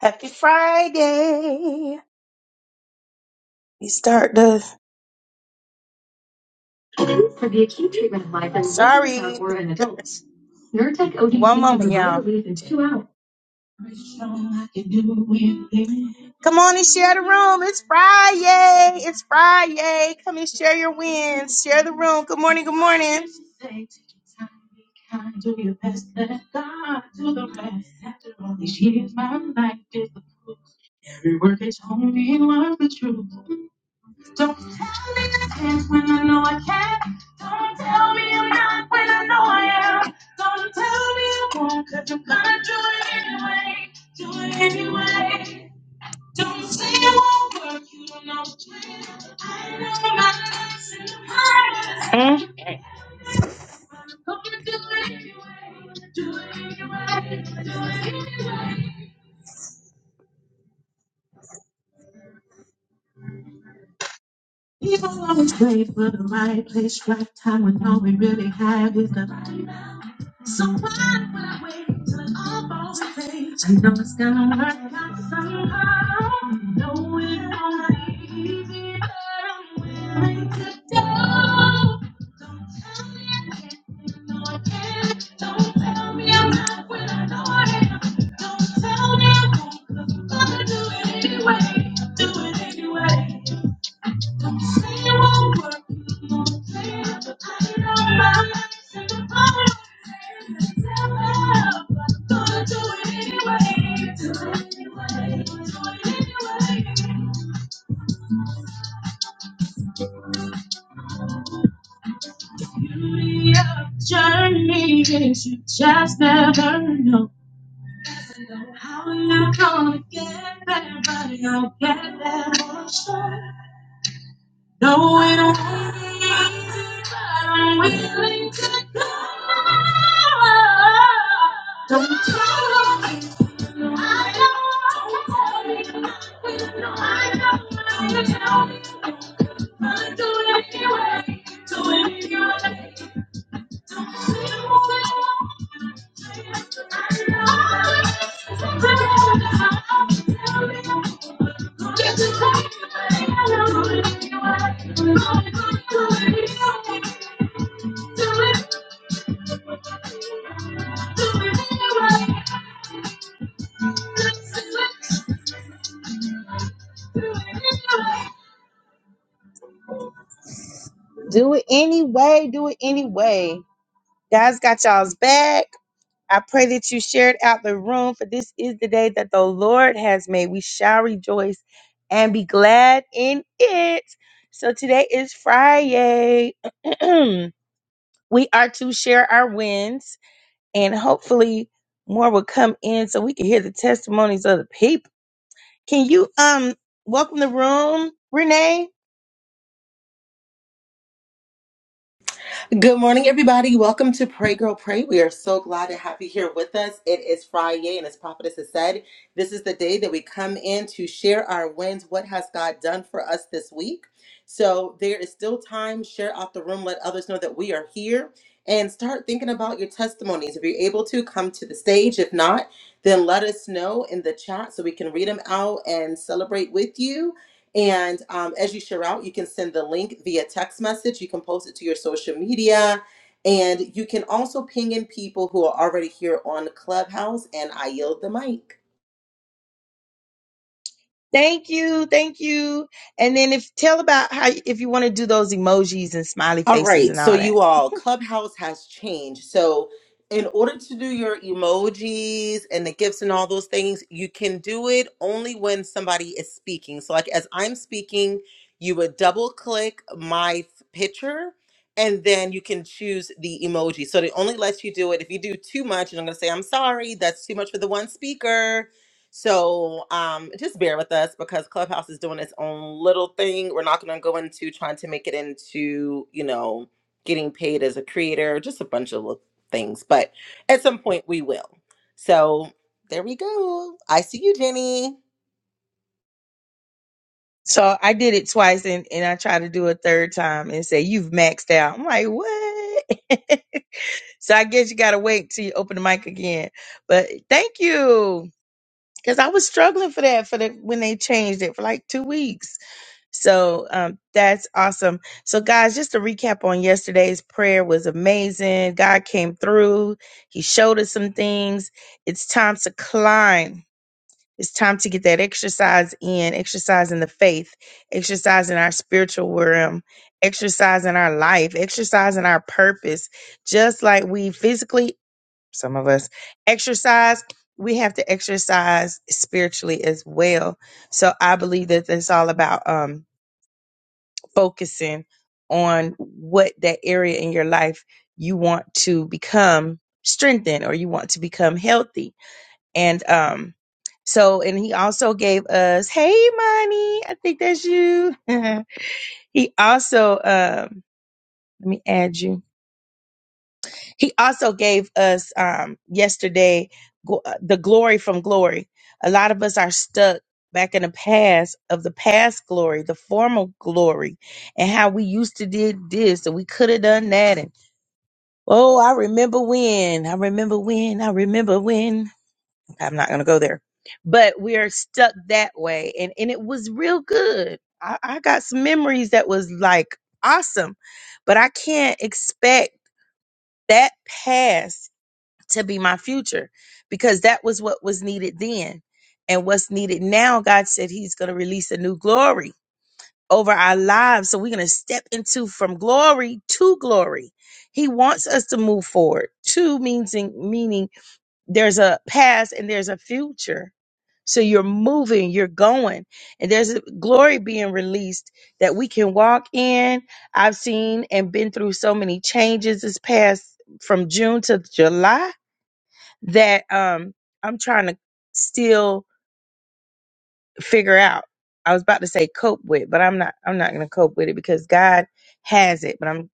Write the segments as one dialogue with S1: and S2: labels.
S1: Happy Friday! We start the. For the acute treatment of migraine, Sorry. women or in adults, Nurtec ODT One can moment, can provide y'all. relief in two hours. Come on and share the room. It's Friday. It's Friday. Come and share your wins. Share the room. Good morning. Good morning. Don't tell me I can't when I know I can't. Don't tell me I'm not when I know I am. Don't tell me I won't, cause I'm gonna do it anyway. Do it anyway. Don't say it won't work, you don't know what you do. I know my place in the past. People always wait for the right place, right time, when all we really have is the right. So why would I wait till it all falls in place? I know it's gonna work out somehow know it won't be easy, but I'm willing to go. Don't tell me I can't, you know I can. Don't tell me I'm not when I know I am. Don't tell me I won't, 'cause I'm gonna do it anyway. Do it anyway. Journey is you just never know how you are gonna get there, but you'll get there. for sure. No, it won't be easy, but I'm willing to go. Don't tell me. no, I don't Don't tell me. No, I don't Don't tell me. I'll don't. do it anyway. Do it anyway. Don't say a word. I know. Don't get to take it away. I know. Do it anyway. Do it anyway. Do it anyway. Do it anyway. God's got y'all's back. I pray that you shared out the room, for this is the day that the Lord has made. We shall rejoice and be glad in it. So today is Friday. we are to share our wins, and hopefully more will come in so we can hear the testimonies of the people. Can you um welcome the room, Renee? Thank you, thank you. And then if tell about how if you want to do those emojis and smiley faces and all that. So I did it twice and, and I tried to do a third time and say, You've maxed out. I'm like, what? So I guess you gotta wait till you open the mic again. But thank you. Cause I was struggling for that for the when they changed it for like two weeks. So um that's awesome. So guys, just to recap on yesterday's prayer was amazing. God came through, He showed us some things. It's time to climb. It's time to get that exercise in, exercising the faith, exercising our spiritual realm, exercising our life, exercising our purpose just like we physically some of us exercise we have to exercise spiritually as well so i believe that it's all about um focusing on what that area in your life you want to become strengthened or you want to become healthy and um so and he also gave us hey money i think that's you he also um let me add you He also gave us um, yesterday gl- uh, the glory from glory. A lot of us are stuck back in the past of the past glory, the former glory, and how we used to did this and we could have done that. And oh, I remember when, I remember when, I remember when. I'm not gonna go there, but we are stuck that way, and and it was real good. I, I got some memories that was like awesome, but I can't expect that past to be my future because that was what was needed then. And what's needed now, God said He's going to release a new glory over our lives. So we're going to step into from glory to glory. He wants us to move forward. To means meaning there's a past and there's a future. So you're moving, you're going, and there's a glory being released that we can walk in. I've seen and been through so many changes this past from June to July that um I'm trying to still figure out. I was about to say cope with, but I'm not I'm not going to cope with it because God has it, but I'm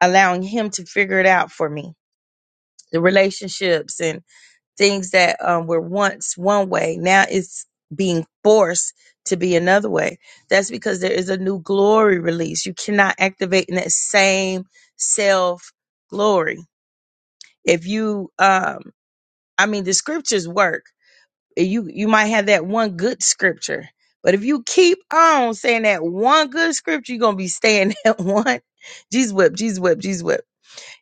S1: allowing him to figure it out for me. The relationships and things that um, were once one way, now it's being forced to be another way. That's because there is a new glory release. You cannot activate in that same self glory. If you um I mean the scriptures work and you you might have that one good scripture but if you keep on saying that one good scripture you're gonna be staying at one jesus whip jesus whip jesus whip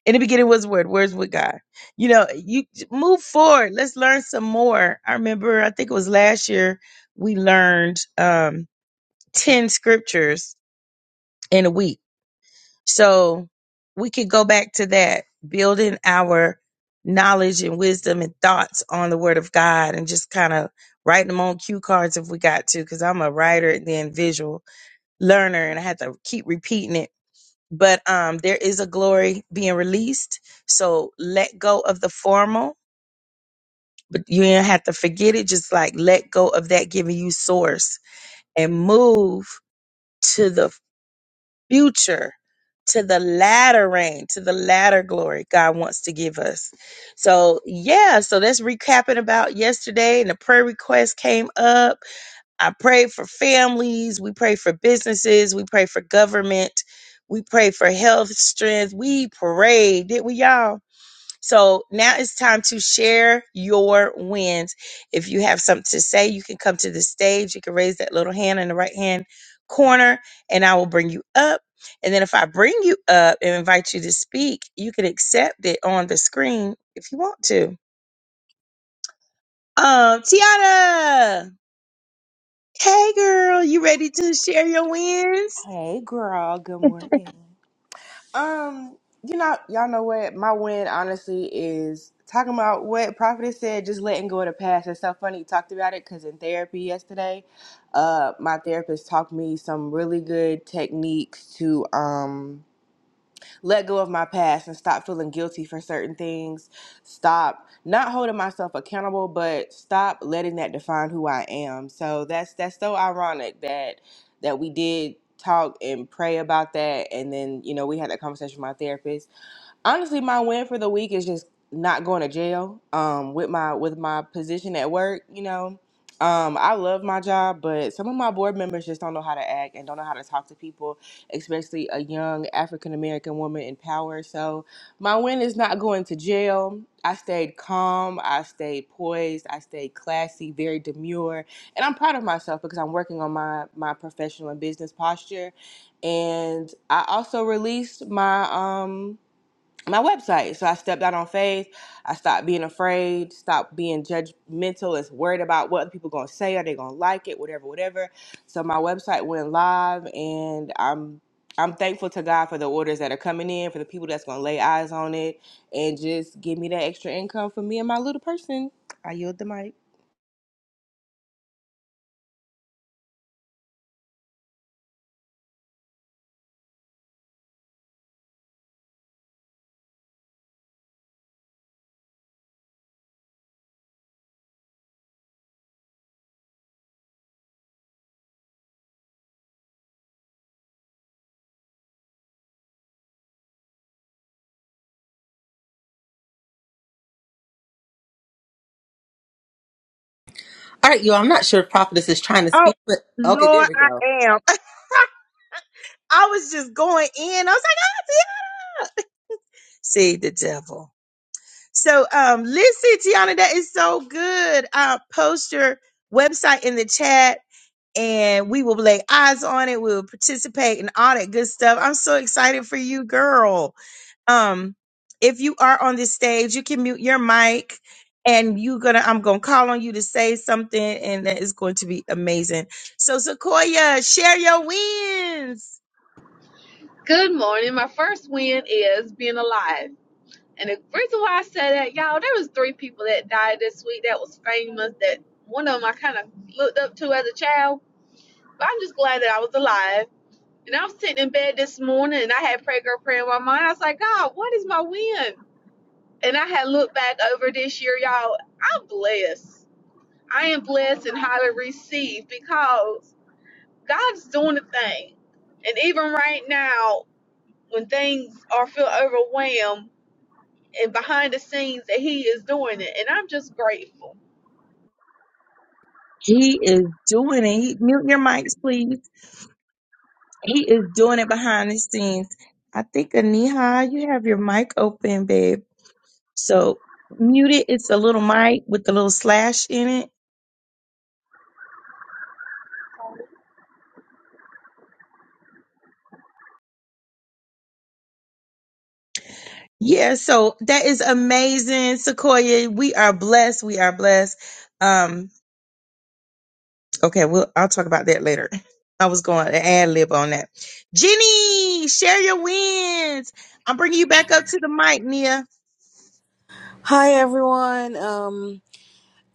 S1: in the beginning was the word words with god you know you move forward let's learn some more i remember i think it was last year we learned um 10 scriptures in a week so we could go back to that, building our knowledge and wisdom and thoughts on the word of God and just kind of writing them on cue cards if we got to, because I'm a writer and then visual learner and I had to keep repeating it. But um there is a glory being released. So let go of the formal, but you don't have to forget it. Just like let go of that giving you source and move to the future to the latter rain, to the latter glory God wants to give us. So, yeah, so that's recapping about yesterday and the prayer request came up. I prayed for families, we prayed for businesses, we prayed for government, we prayed for health, strength. We prayed, did we y'all? So now it's time to share your wins. If you have something to say, you can come to the stage. You can raise that little hand in the right hand corner, and I will bring you up. And then if I bring you up and invite you to speak, you can accept it on the screen if you want to. Um, Tiana. Hey girl, you ready to share your wins?
S2: Hey girl, good morning. Um, you know, y'all know what my win honestly is talking about what Prophetess said, just letting go of the past. It's so funny you talked about it because in therapy yesterday, uh, my therapist taught me some really good techniques to um let go of my past and stop feeling guilty for certain things. Stop not holding myself accountable, but stop letting that define who I am. So that's that's so ironic that that we did talk and pray about that and then you know we had that conversation with my therapist honestly my win for the week is just not going to jail um with my with my position at work you know um i love my job but some of my board members just don't know how to act and don't know how to talk to people especially a young african american woman in power so my win is not going to jail i stayed calm i stayed poised i stayed classy very demure and i'm proud of myself because i'm working on my my professional and business posture and i also released my um my website. So I stepped out on faith. I stopped being afraid, stopped being judgmental and worried about what people gonna say. Are they gonna like it? Whatever, whatever. So my website went live and I'm I'm thankful to God for the orders that are coming in, for the people that's gonna lay eyes on it and just give me that extra income for me and my little person. I yield the mic.
S1: Oh, Lord, I am. I was just going in. I was like, oh, yeah. See the devil. So, um, listen, Tiana, that is so good. Uh, post your website in the chat. and we will lay eyes on it. We will participate in all that good stuff. I'm so excited for you, girl. Um, if you are on this stage, you can mute your mic and you gonna I'm gonna call on you to say something, and that is going to be amazing. So Sequoia, share your wins.
S3: Good morning. My first win is being alive. And the reason why I say that, y'all, there was three people that died this week that was famous that one of them I kind of looked up to as a child. But I'm just glad that I was alive. And I was sitting in bed this morning and I had prayer girl prayer in my mind. I was like, God, what is my win? And I had looked back over this year, y'all. I'm blessed. I am blessed and highly received because God's doing a thing. And even right now, when things are feel overwhelmed and behind the scenes that he is doing it and i'm just grateful
S1: He is doing it. He, mute your mics, please. He is doing it behind the scenes. I think Aniha, you have your mic open, babe. So mute it. it's a little mic with a little slash in it. Yeah, so that is amazing, Sequoia. We are blessed. We are blessed. Um, okay, we'll I'll talk about that later. I was going to ad lib on that. Jenny, share your wins. I'm bringing you back up to the mic, Nia.
S4: Hi everyone. Um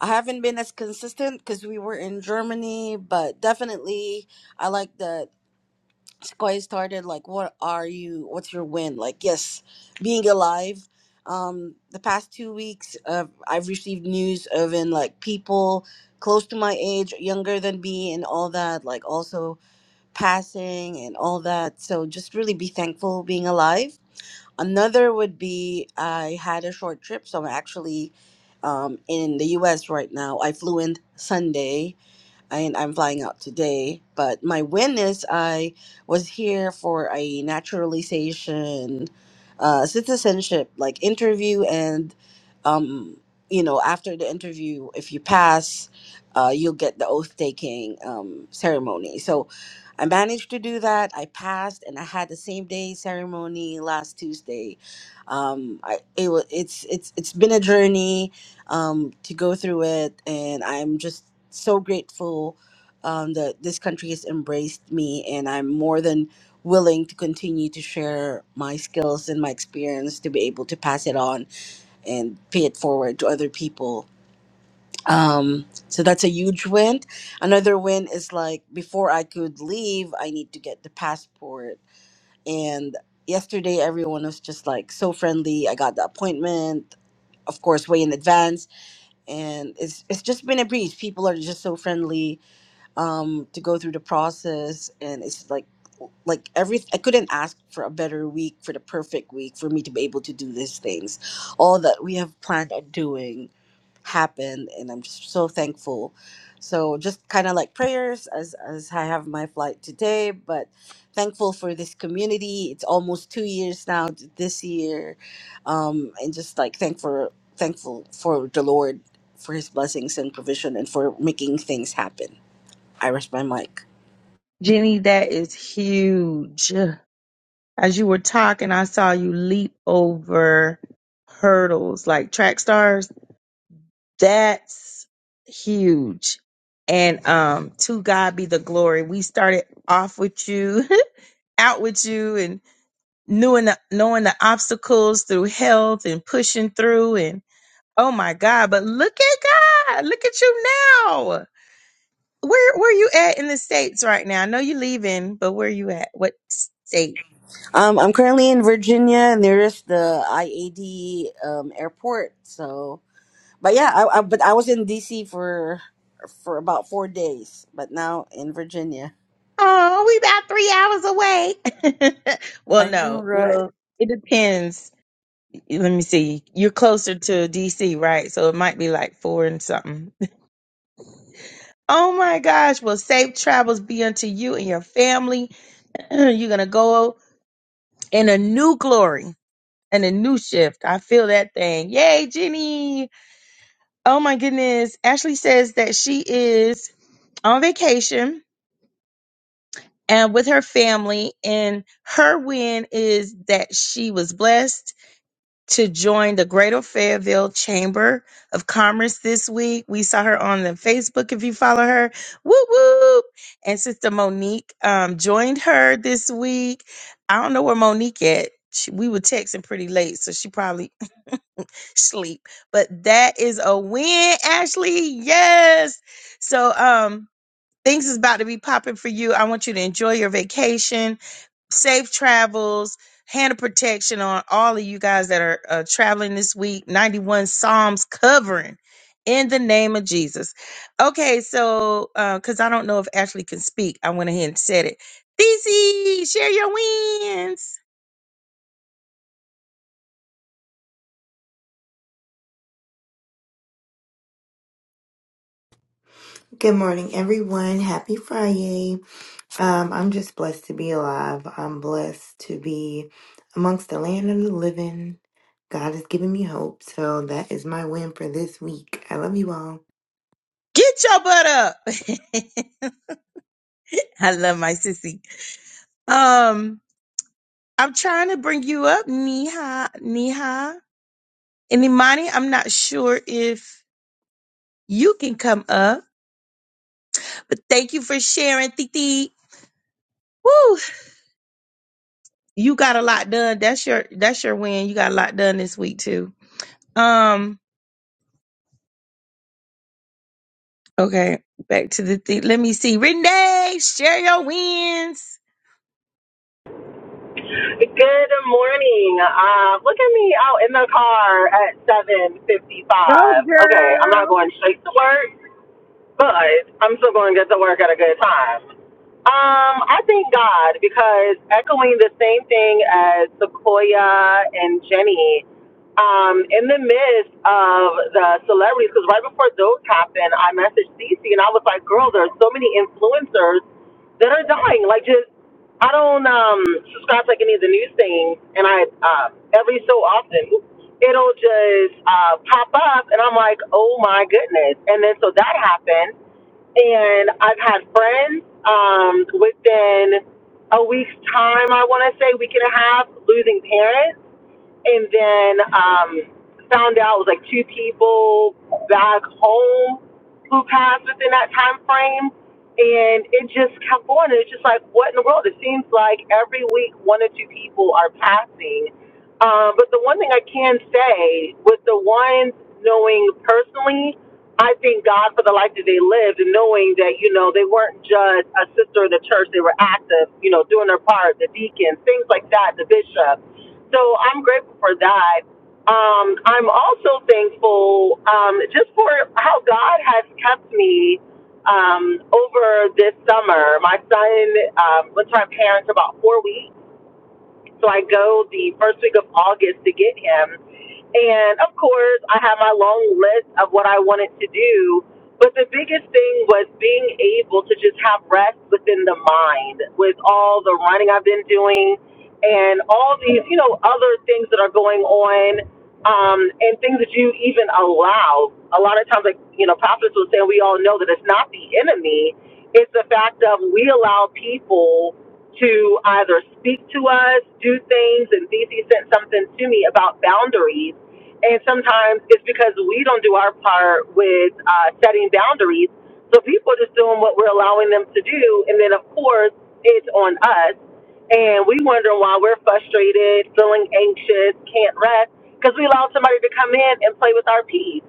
S4: I haven't been as consistent because we were in Germany, but definitely I like that Sky started like what are you what's your win? Like yes, being alive. Um the past 2 weeks uh, I've received news of in like people close to my age, younger than me and all that, like also passing and all that. So just really be thankful being alive Another would be I had a short trip, so I'm actually um, in the U.S. right now. I flew in Sunday and I'm flying out today. But my win is I was here for a naturalization uh, citizenship like interview, and um, you know after the interview, if you pass, uh, you'll get the oath taking um, ceremony. So I managed to do that. I passed, and I had the same day ceremony last Tuesday. Um, I it was it's it's it's been a journey um, to go through it. And I'm just so grateful um, that this country has embraced me, and I'm more than willing to continue to share my skills and my experience to be able to pass it on and pay it forward to other people. Um, so that's a huge win. Another win is like before I could leave, I need to get the passport. And yesterday, everyone was just like so friendly. I got the appointment, of course, way in advance and it's it's just been a breeze. People are just so friendly um, to go through the process, and it's like like every I couldn't ask for a better week, for the perfect week for me to be able to do these things. All that we have planned on doing happened, and I'm just so thankful. So just kind of like prayers as as I have my flight today, but thankful for this community. It's almost two years now t- this year, um, and just like thankful thankful for the Lord for His blessings and provision, and for making things happen. I rest my mic.
S1: Jenny, that is huge. As you were talking, I saw you leap over hurdles like track stars That's huge. And um to God be the glory. We started off with you, out with you and knowing the, knowing the obstacles through health and pushing through and oh my God, but look at God. Look at you now. Where where you at in the states right now? I know you're leaving, but where you at? What state?
S4: Um, I'm currently in Virginia, and there is the IAD um, airport. So, but yeah, I, I but I was in DC for for about four days, but now in Virginia.
S1: Oh, we about 3 hours away. well,
S4: I know,
S1: no.
S4: right?
S1: Well, it depends let me see. You're closer to DC, right? So it might be like four and something. Oh my gosh. Well, safe travels be unto you and your family. You're going to go in a new glory and a new shift. I feel that thing. Yay, Jenny. Oh my goodness. Ashley says that she is on vacation and with her family, and her win is that she was blessed to join the Greater Fayetteville Chamber of Commerce this week. We saw her on the Facebook if you follow her. Whoop whoop. And Sister Monique um, joined her this week. I don't know where Monique at. She, we were texting pretty late, so she probably sleep. But that is a win, Ashley. Yes. So um things is about to be popping for you. I want you to enjoy your vacation safe travels, hand of protection on all of you guys that are uh, traveling this week. 91 Psalms covering in the name of Jesus. Okay, so because I don't know if Ashley can speak, I went ahead and said it. DC, share your wins.
S5: Good morning, everyone. Happy Friday. Um, I'm just blessed to be alive. I'm blessed to be amongst the land of the living. God has given me hope. So that is my win for this week. I love you all.
S1: Get your butt up. I love my sissy. Um, I'm trying to bring you up, Neha, Neha, and Imani. I'm not sure if you can come up. But thank you for sharing, Titi. Woo! You got a lot done. That's your that's your win. You got a lot done this week too. Um, okay, back to the thing. Let me see. Renee, share your wins.
S6: Good morning. Uh, look at me out in the car at 7.55.
S1: Go
S6: Okay, I'm not
S1: girl.
S6: going straight to work, but I'm still going to get to work at a good time. Um, I thank God because echoing the same thing as Sequoia and Jenny, um, in the midst of the celebrities, because right before those happened, I messaged Cece and I was like, girl, there's so many influencers that are dying. Like just I don't um subscribe to like any of the news things and I uh every so often it'll just uh pop up and I'm like, Oh my goodness and then so that happened and I've had friends um within a week's time I wanna say, week and a half, losing parents and then um, found out it was like two people back home who passed within that time frame. And it just kept going. And It's just like, what in the world? It seems like every week one or two people are passing. Um, but the one thing I can say with the ones knowing personally, I thank God for the life that they lived and knowing that, you know, they weren't just a sister of the church. They were active, you know, doing their part, the deacons, things like that, the bishop so I'm grateful for that. Um, I'm also thankful um, just for how God has kept me um, over this summer. My son um, went to my parents about four weeks, so I go the first week of August to get him. And of course, I had my long list of what I wanted to do. But the biggest thing was being able to just have rest within the mind with all the running I've been doing and all these, you know, other things that are going on um, and things that you even allow. A lot of times, like, you know, prophets will say, we all know that it's not the enemy, it's the fact of we allow people to either speak to us, do things, and Thesey sent something to me about boundaries and sometimes it's because we don't do our part with uh, setting boundaries. So people just doing what we're allowing them to do. And then, of course, it's on us. And we wonder why we're frustrated, feeling anxious, can't rest, because we allowed somebody to come in and play with our peace.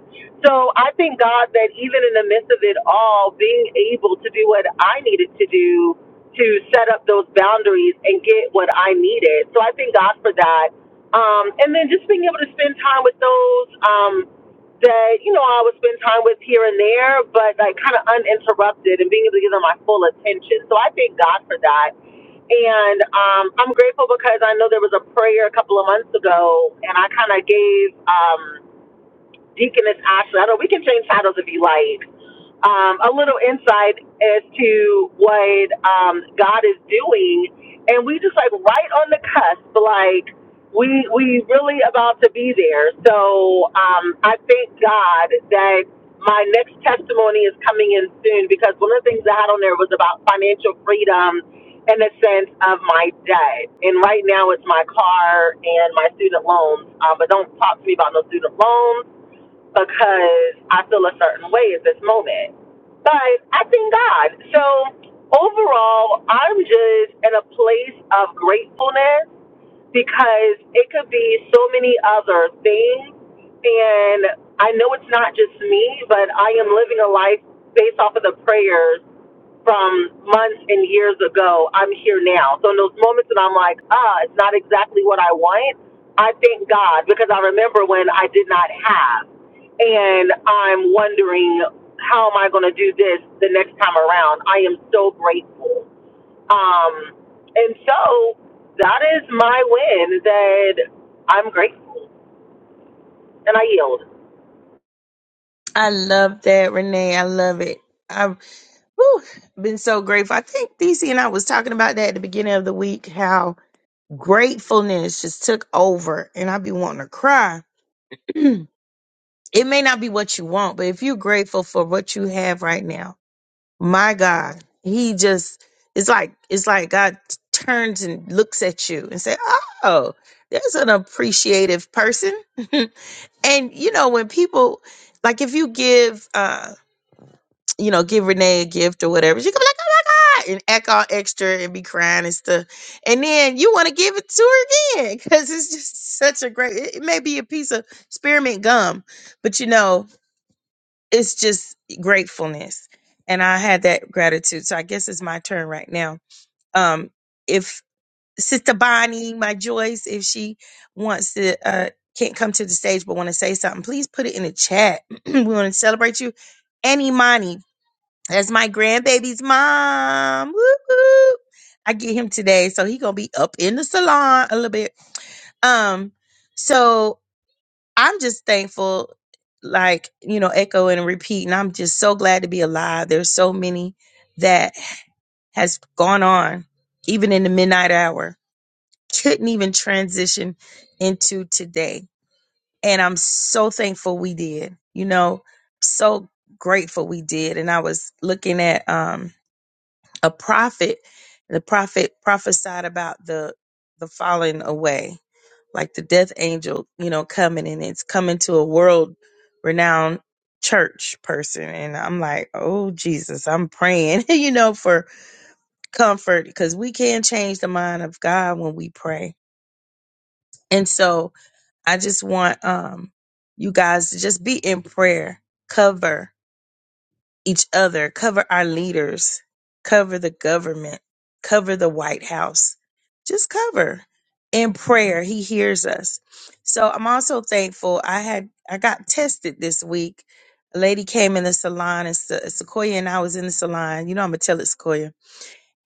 S6: So I thank God that even in the midst of it all, being able to do what I needed to do to set up those boundaries and get what I needed. So I thank God for that um, and then just being able to spend time with those um, that, you know, I would spend time with here and there, but like kind of uninterrupted and being able to give them my full attention. So I thank God for that. And um, I'm grateful because I know there was a prayer a couple of months ago, and I kind of gave. Um, Deaconess Ashley, I know we can change titles if you like. Um, a little insight as to what um, God is doing, and we just like right on the cusp, like we we really about to be there. So um, I thank God that my next testimony is coming in soon because one of the things that I had on there was about financial freedom in the sense of my debt. And right now it's my car and my student loans. Uh, but don't talk to me about no student loans because I feel a certain way at this moment. But I thank God. So overall, I'm just in a place of gratefulness because it could be so many other things. And I know it's not just me, but I am living a life based off of the prayers from months and years ago, I'm here now. So in those moments when I'm like, ah, it's not exactly what I want, I thank God because I remember when I did not have. And I'm wondering, how am I going to do this the next time around? I am so grateful. Um, and so that is my win that I'm grateful and I yield.
S1: I love that, Renee. I love it. I've whew, been so grateful. I think DC and I was talking about that at the beginning of the week, how gratefulness just took over and I'd be wanting to cry. it may not be what you want, but if you're grateful for what you have right now, my God, he just it's like it's like God t- turns and looks at you and say, "Oh, there's an appreciative person." and you know when people like if you give uh you know give Renee a gift or whatever, she could be like, "Oh my God," and act all extra and be crying and stuff, and then you want to give it to her again because it's just such a great. It, it may be a piece of spearmint gum, but you know it's just gratefulness and i had that gratitude so i guess it's my turn right now um if sister bonnie my joyce if she wants to uh can't come to the stage but want to say something please put it in the chat we want to celebrate you and imani that's my grandbaby's mom Woo woo. i get him today so he gonna be up in the salon a little bit um so I'm just thankful, like, you know, echo and repeat. And I'm just so glad to be alive. There's so many that has gone on, even in the midnight hour. Couldn't even transition into today. And I'm so thankful we did, you know, so grateful we did. And I was looking at um a prophet the prophet prophesied about the the falling away like the death angel you know coming and it's coming to a world renowned church person and i'm like oh jesus i'm praying you know for comfort because we can change the mind of god when we pray and so i just want um you guys to just be in prayer cover each other, cover our leaders, cover the government, cover the White House. Just cover in prayer. He hears us. So I'm also thankful. I had I got tested this week. A lady came in the salon, and Se- Sequoia and I was in the salon. You know I'm gonna tell it Sequoia.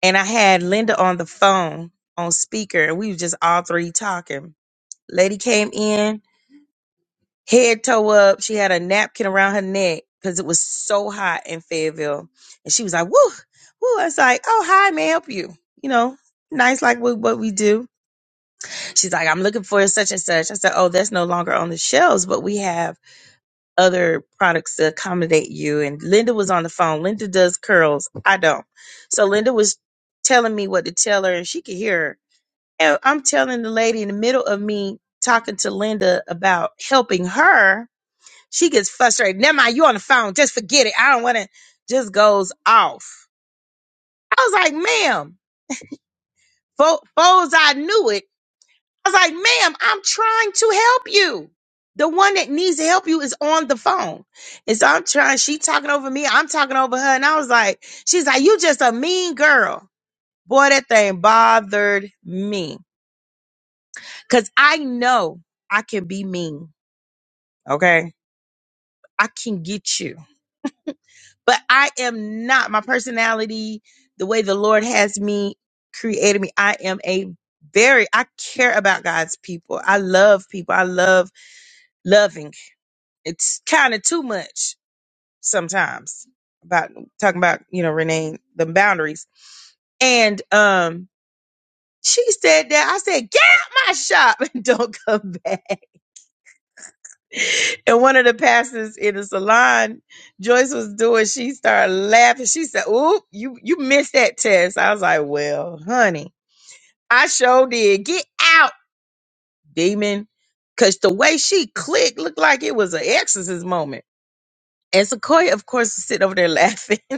S1: And I had Linda on the phone on speaker, and we were just all three talking. Lady came in head toe up. She had a napkin around her neck because it was so hot in Fayetteville. And she was like, woo, woo. I was like, oh, hi, may I help you? You know, nice like what, what we do. She's like, I'm looking for such and such. I said, oh, that's no longer on the shelves, but we have other products to accommodate you. And Linda was on the phone. Linda does curls. I don't. So Linda was telling me what to tell her and she could hear her. And I'm telling the lady in the middle of me talking to Linda about helping her she gets frustrated. Never mind, you on the phone. Just forget it. I don't want to. Just goes off. I was like, ma'am, fo- foes, I knew it. I was like, ma'am, I'm trying to help you. The one that needs to help you is on the phone. And so I'm trying, she talking over me. I'm talking over her. And I was like, she's like, you just a mean girl. Boy, that thing bothered me. Cause I know I can be mean. Okay. I can get you. but I am not my personality, the way the Lord has me created me. I am a very I care about God's people. I love people. I love loving. It's kind of too much sometimes about talking about, you know, Renee, the boundaries. And um she said that I said, get out my shop and don't come back. And one of the pastors in the salon, Joyce was doing, she started laughing. She said, Oop, you, you missed that test. I was like, Well, honey, I sure did. Get out, demon. Because the way she clicked looked like it was an exorcist moment. And Sequoia, of course, is sitting over there laughing.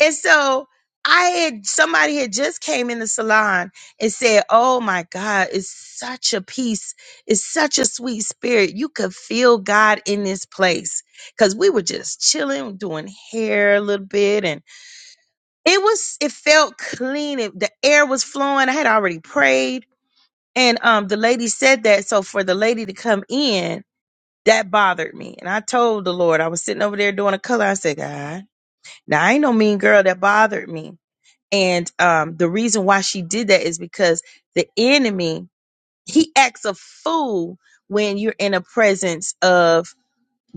S1: And so I had somebody had just came in the salon and said, Oh my God, it's such a peace. It's such a sweet spirit. You could feel God in this place. Cause we were just chilling, doing hair a little bit. And it was, it felt clean. It, the air was flowing. I had already prayed. And um the lady said that. So for the lady to come in, that bothered me. And I told the Lord, I was sitting over there doing a color. I said, God, now I ain't no mean girl that bothered me. And um, the reason why she did that is because the enemy, he acts a fool when you're in a presence of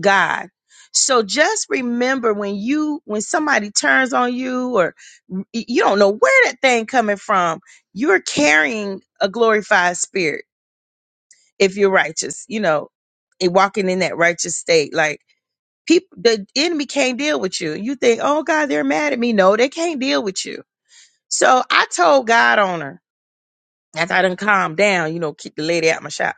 S1: God. So just remember when you when somebody turns on you or y- you don't know where that thing coming from, you're carrying a glorified spirit if you're righteous, you know, and walking in that righteous state. Like people the enemy can't deal with you. You think, oh God, they're mad at me. No, they can't deal with you. So I told God on her. After I done calmed down, you know, kicked the lady out my shop.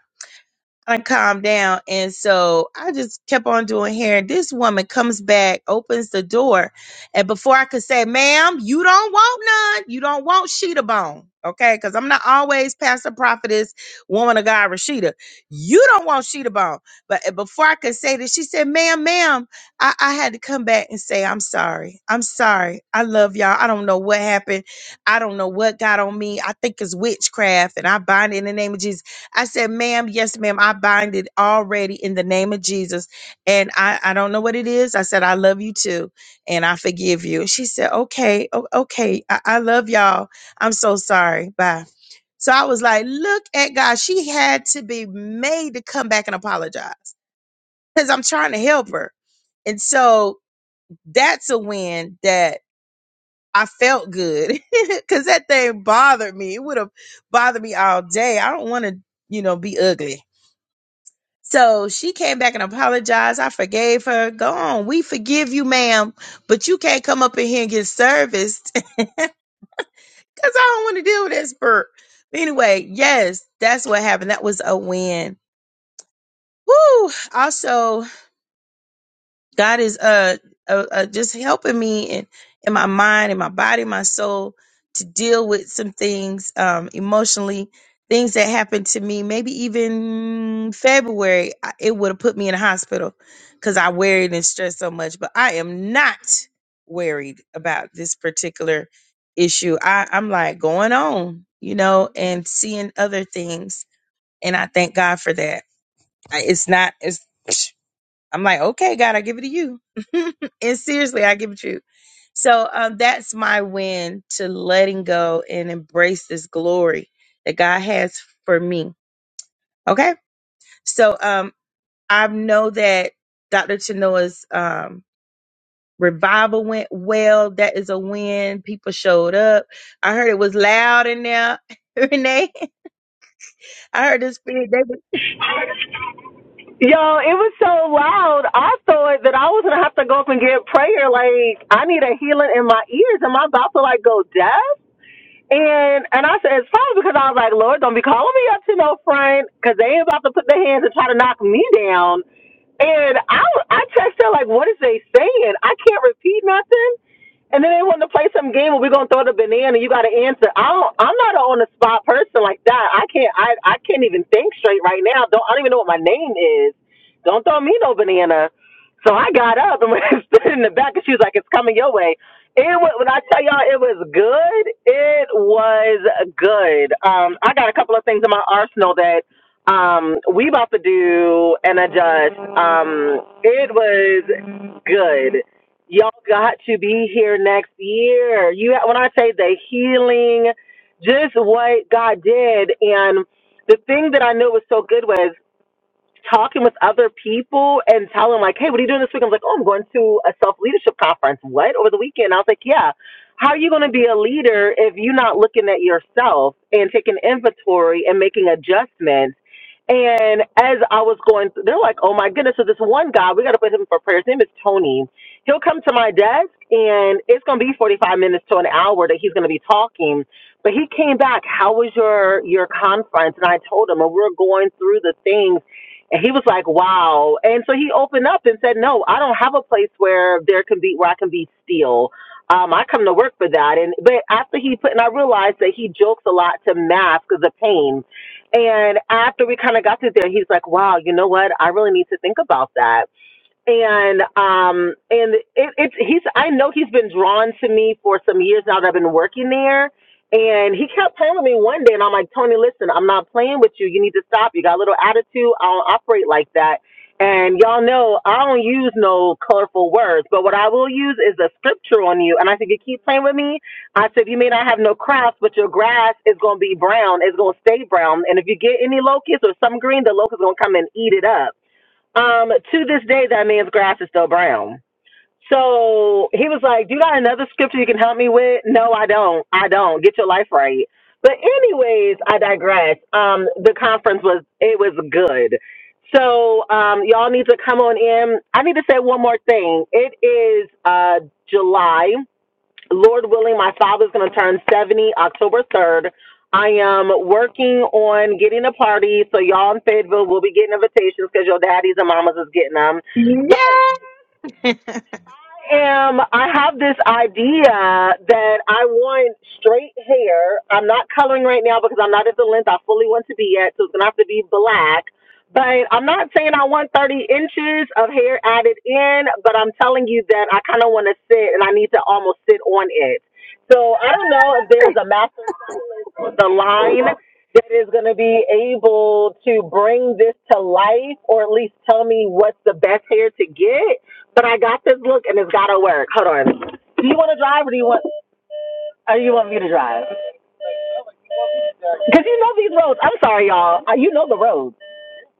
S1: I calmed down. And so I just kept on doing hair. And this woman comes back, opens the door. And before I could say, ma'am, you don't want none. You don't want Sheeta Bone. Okay. Cause I'm not always pastor prophetess, woman of God, Rashida. You don't want Sheeta Bone. But eh, before I could say this, she said, ma'am, ma'am, I, I had to come back and say, I'm sorry. I'm sorry. I love y'all. I don't know what happened. I don't know what got on me. I think it's witchcraft and I bind it in the name of Jesus. I said, ma'am, yes, ma'am, I bind it already in the name of Jesus. And I, I don't know what it is. I said, I love you too. And I forgive you. She said, okay, o- okay. I, I love y'all. I'm so sorry. Bye. So I was like, look at God. She had to be made to come back and apologize because I'm trying to help her. And so that's a win that I felt good because that thing bothered me. It would have bothered me all day. I don't want to, you know, be ugly. So she came back and apologized. I forgave her. Go on. We forgive you, ma'am, but you can't come up in here and get serviced because I don't want to deal with this burp. Anyway, yes, that's what happened. That was a win. Woo! Also, God is uh, uh, uh just helping me in in my mind, in my body, my soul to deal with some things um emotionally, things that happened to me. Maybe even February, I- it would have put me in the hospital because I worried and stressed so much. But I am not worried about this particular issue. I I'm like going on, you know, and seeing other things, and I thank God for that. I, it's not it's. I'm like, okay, God, I give it to you. and seriously, I give it to you. So um, that's my win to letting go and embrace this glory that God has for me. Okay. So um, I know that Dr. Chenoa's um, revival went well. That is a win. People showed up. I heard it was loud in there, Renee. I heard the spirit. They
S6: Yo, it was so loud. I thought that I was gonna have to go up and get prayer. Like I need a healing in my ears. Am I about to like go deaf? And and I said it's probably because I was like, Lord, don't be calling me up to no front because they ain't about to put their hands and try to knock me down. And I I text her like, what is they saying? I can't repeat nothing. And then they want to play some game where we're gonna throw the banana. You gotta answer. I don't. I'm not an on the spot person like that. I can't. I I can't even think straight right now. Don't. I don't even know what my name is. Don't throw me no banana. So I got up and went and stood in the back, and she was like, "It's coming your way." And when when I tell y'all it was good, it was good. Um, I got a couple of things in my arsenal that um we about to do and adjust. Um, it was good y'all got to be here next year. You when I say the healing, just what God did, and the thing that I know was so good was talking with other people and telling like, hey, what are you doing this week? I'm like, oh, I'm going to a self leadership conference. What over the weekend? I was like, yeah. How are you going to be a leader if you're not looking at yourself and taking inventory and making adjustments? And as I was going through, they're like, oh my goodness. So this one guy, we got to put him for prayer. His name is Tony. He'll come to my desk and it's going to be 45 minutes to an hour that he's going to be talking. But he came back, how was your, your conference? And I told him, and we are going through the things. And he was like, wow. And so he opened up and said, no, I don't have a place where there can be, where I can be still. Um, I come to work for that. And, but after he put, and I realized that he jokes a lot to mask the pain and after we kind of got through there, he's like, wow, you know what? I really need to think about that and um and it, it's he's I know he's been drawn to me for some years now that I've been working there. And he kept telling me one day, and I'm like, Tony, listen, I'm not playing with you. You need to stop. You got a little attitude. I don't operate like that. And y'all know I don't use no colorful words, but what I will use is a scripture on you. And I said, you keep playing with me. I said, you may not have no crops, but your grass is going to be brown. It's going to stay brown. And if you get any locusts or some green, the locusts going to come and eat it up. Um, to this day, that man's grass is still brown. So he was like, "Do you got another scripture you can help me with?" No, I don't. I don't. Get your life right. But anyways, I digress. Um, the conference was it was good. So um, y'all need to come on in. I need to say one more thing. It is uh July. Lord willing, my father's going to turn 70 October 3rd. I am working on getting a party, so y'all in Fayetteville will be getting invitations because your daddies and mamas is getting them. But
S1: was, yeah.
S6: am I have this idea that I want straight hair. I'm not coloring right now because I'm not at the length I fully want to be at, so it's gonna have to be black. But I'm not saying I want 30 inches of hair added in, but I'm telling you that I kind of want to sit and I need to almost sit on it. So I don't know if there's a master stylist with a line that is going to be able to bring this to life or at least tell me what's the best hair to get but I got this look and it's gotta work. Hold on. Do you want to drive or do you want? Are you alive? Because you know these roads. I'm sorry, y'all. Uh, You know the roads.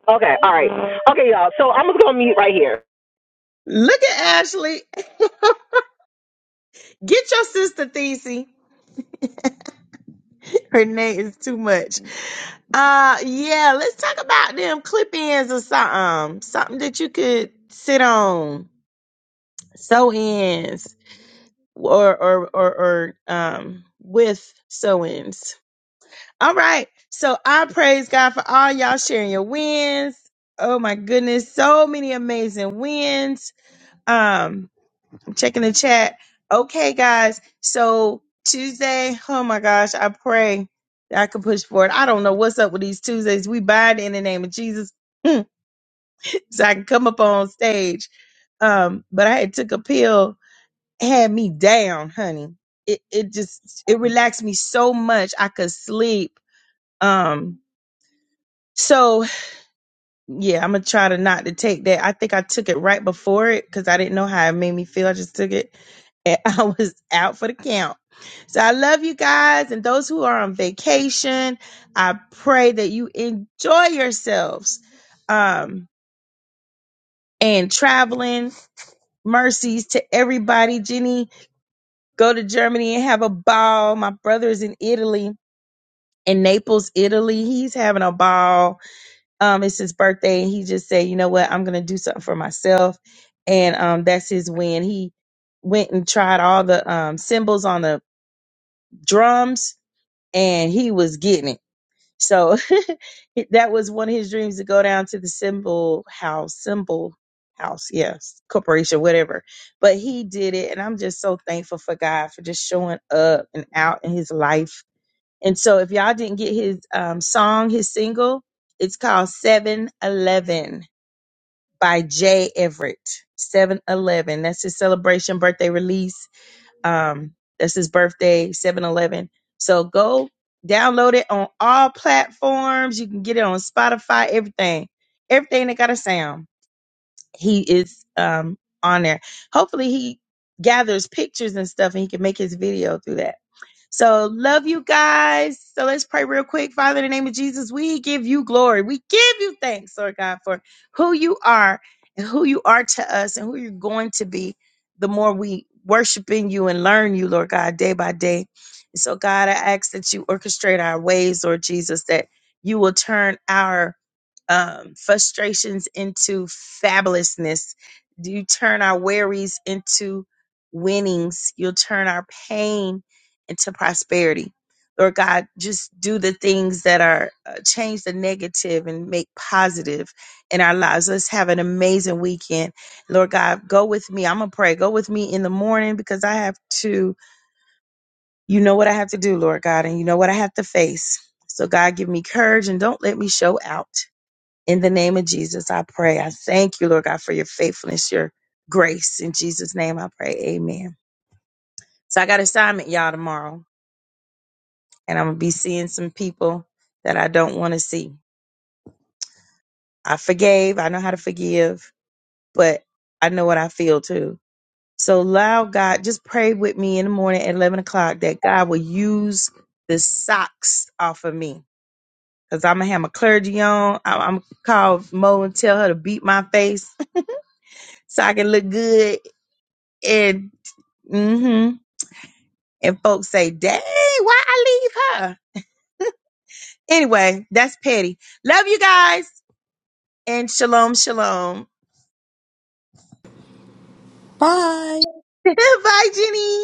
S6: Okay, all right. Okay, y'all. So I'm just gonna mute right here.
S1: Look at Ashley. Get your sister, Thesey. Her name is too much. Uh, yeah, let's talk about them clip ins or something. Something that you could sit on, sew ins, or or or or um with sew ins. All right, so I praise God for all y'all sharing your wins. Oh my goodness, so many amazing wins. Um, checking the chat. Okay, guys. So Tuesday, oh my gosh, I pray that I can push forward. I don't know what's up with these Tuesdays. We bind in the name of Jesus so I can come up on stage. Um, but I had took a pill, had me down, honey. It it just it relaxed me so much I could sleep. Um, so yeah, I'm gonna try to not to take that. I think I took it right before it because I didn't know how it made me feel. I just took it and I was out for the count. So I love you guys and those who are on vacation. I pray that you enjoy yourselves. Um and traveling mercies to everybody. Jenny, go to Germany and have a ball. My brother is in Italy, in Naples, Italy. He's having a ball um it's his birthday and he just said you know what i'm gonna do something for myself and um that's his win he went and tried all the um cymbals on the drums and he was getting it so that was one of his dreams to go down to the symbol house symbol house yes corporation whatever but he did it and i'm just so thankful for god for just showing up and out in his life and so if y'all didn't get his um song his single it's called 711 by Jay Everett. seven eleven. That's his celebration birthday release. Um, that's his birthday, seven eleven. So go download it on all platforms. You can get it on Spotify, everything. Everything that got a sound. He is um on there. Hopefully he gathers pictures and stuff and he can make his video through that. So love you guys. So let's pray real quick. Father, in the name of Jesus, we give you glory. We give you thanks, Lord God, for who you are and who you are to us and who you're going to be the more we worship in you and learn you, Lord God, day by day. And so, God, I ask that you orchestrate our ways, Lord Jesus, that you will turn our um, frustrations into fabulousness. You turn our worries into winnings. You'll turn our pain into prosperity. Lord God, just do the things that are uh, change the negative and make positive in our lives. Let's have an amazing weekend. Lord God, go with me. I'm going to pray. Go with me in the morning because I have to, you know what I have to do, Lord God, and you know what I have to face. So, God, give me courage and don't let me show out. In the name of Jesus, I pray. I thank you, Lord God, for your faithfulness, your grace. In Jesus' name, I pray. Amen. So I got assignment, y'all, tomorrow, and I'm gonna be seeing some people that I don't want to see. I forgave. I know how to forgive, but I know what I feel too. So allow God, just pray with me in the morning at 11 o'clock that God will use the socks off of me. Cause I'm gonna have my clergy on. I'm, I'm gonna call Mo and tell her to beat my face so I can look good and. hmm And folks say, dang, why I leave her? Anyway, that's petty. Love you guys and shalom, shalom.
S4: Bye.
S1: Bye, Jenny.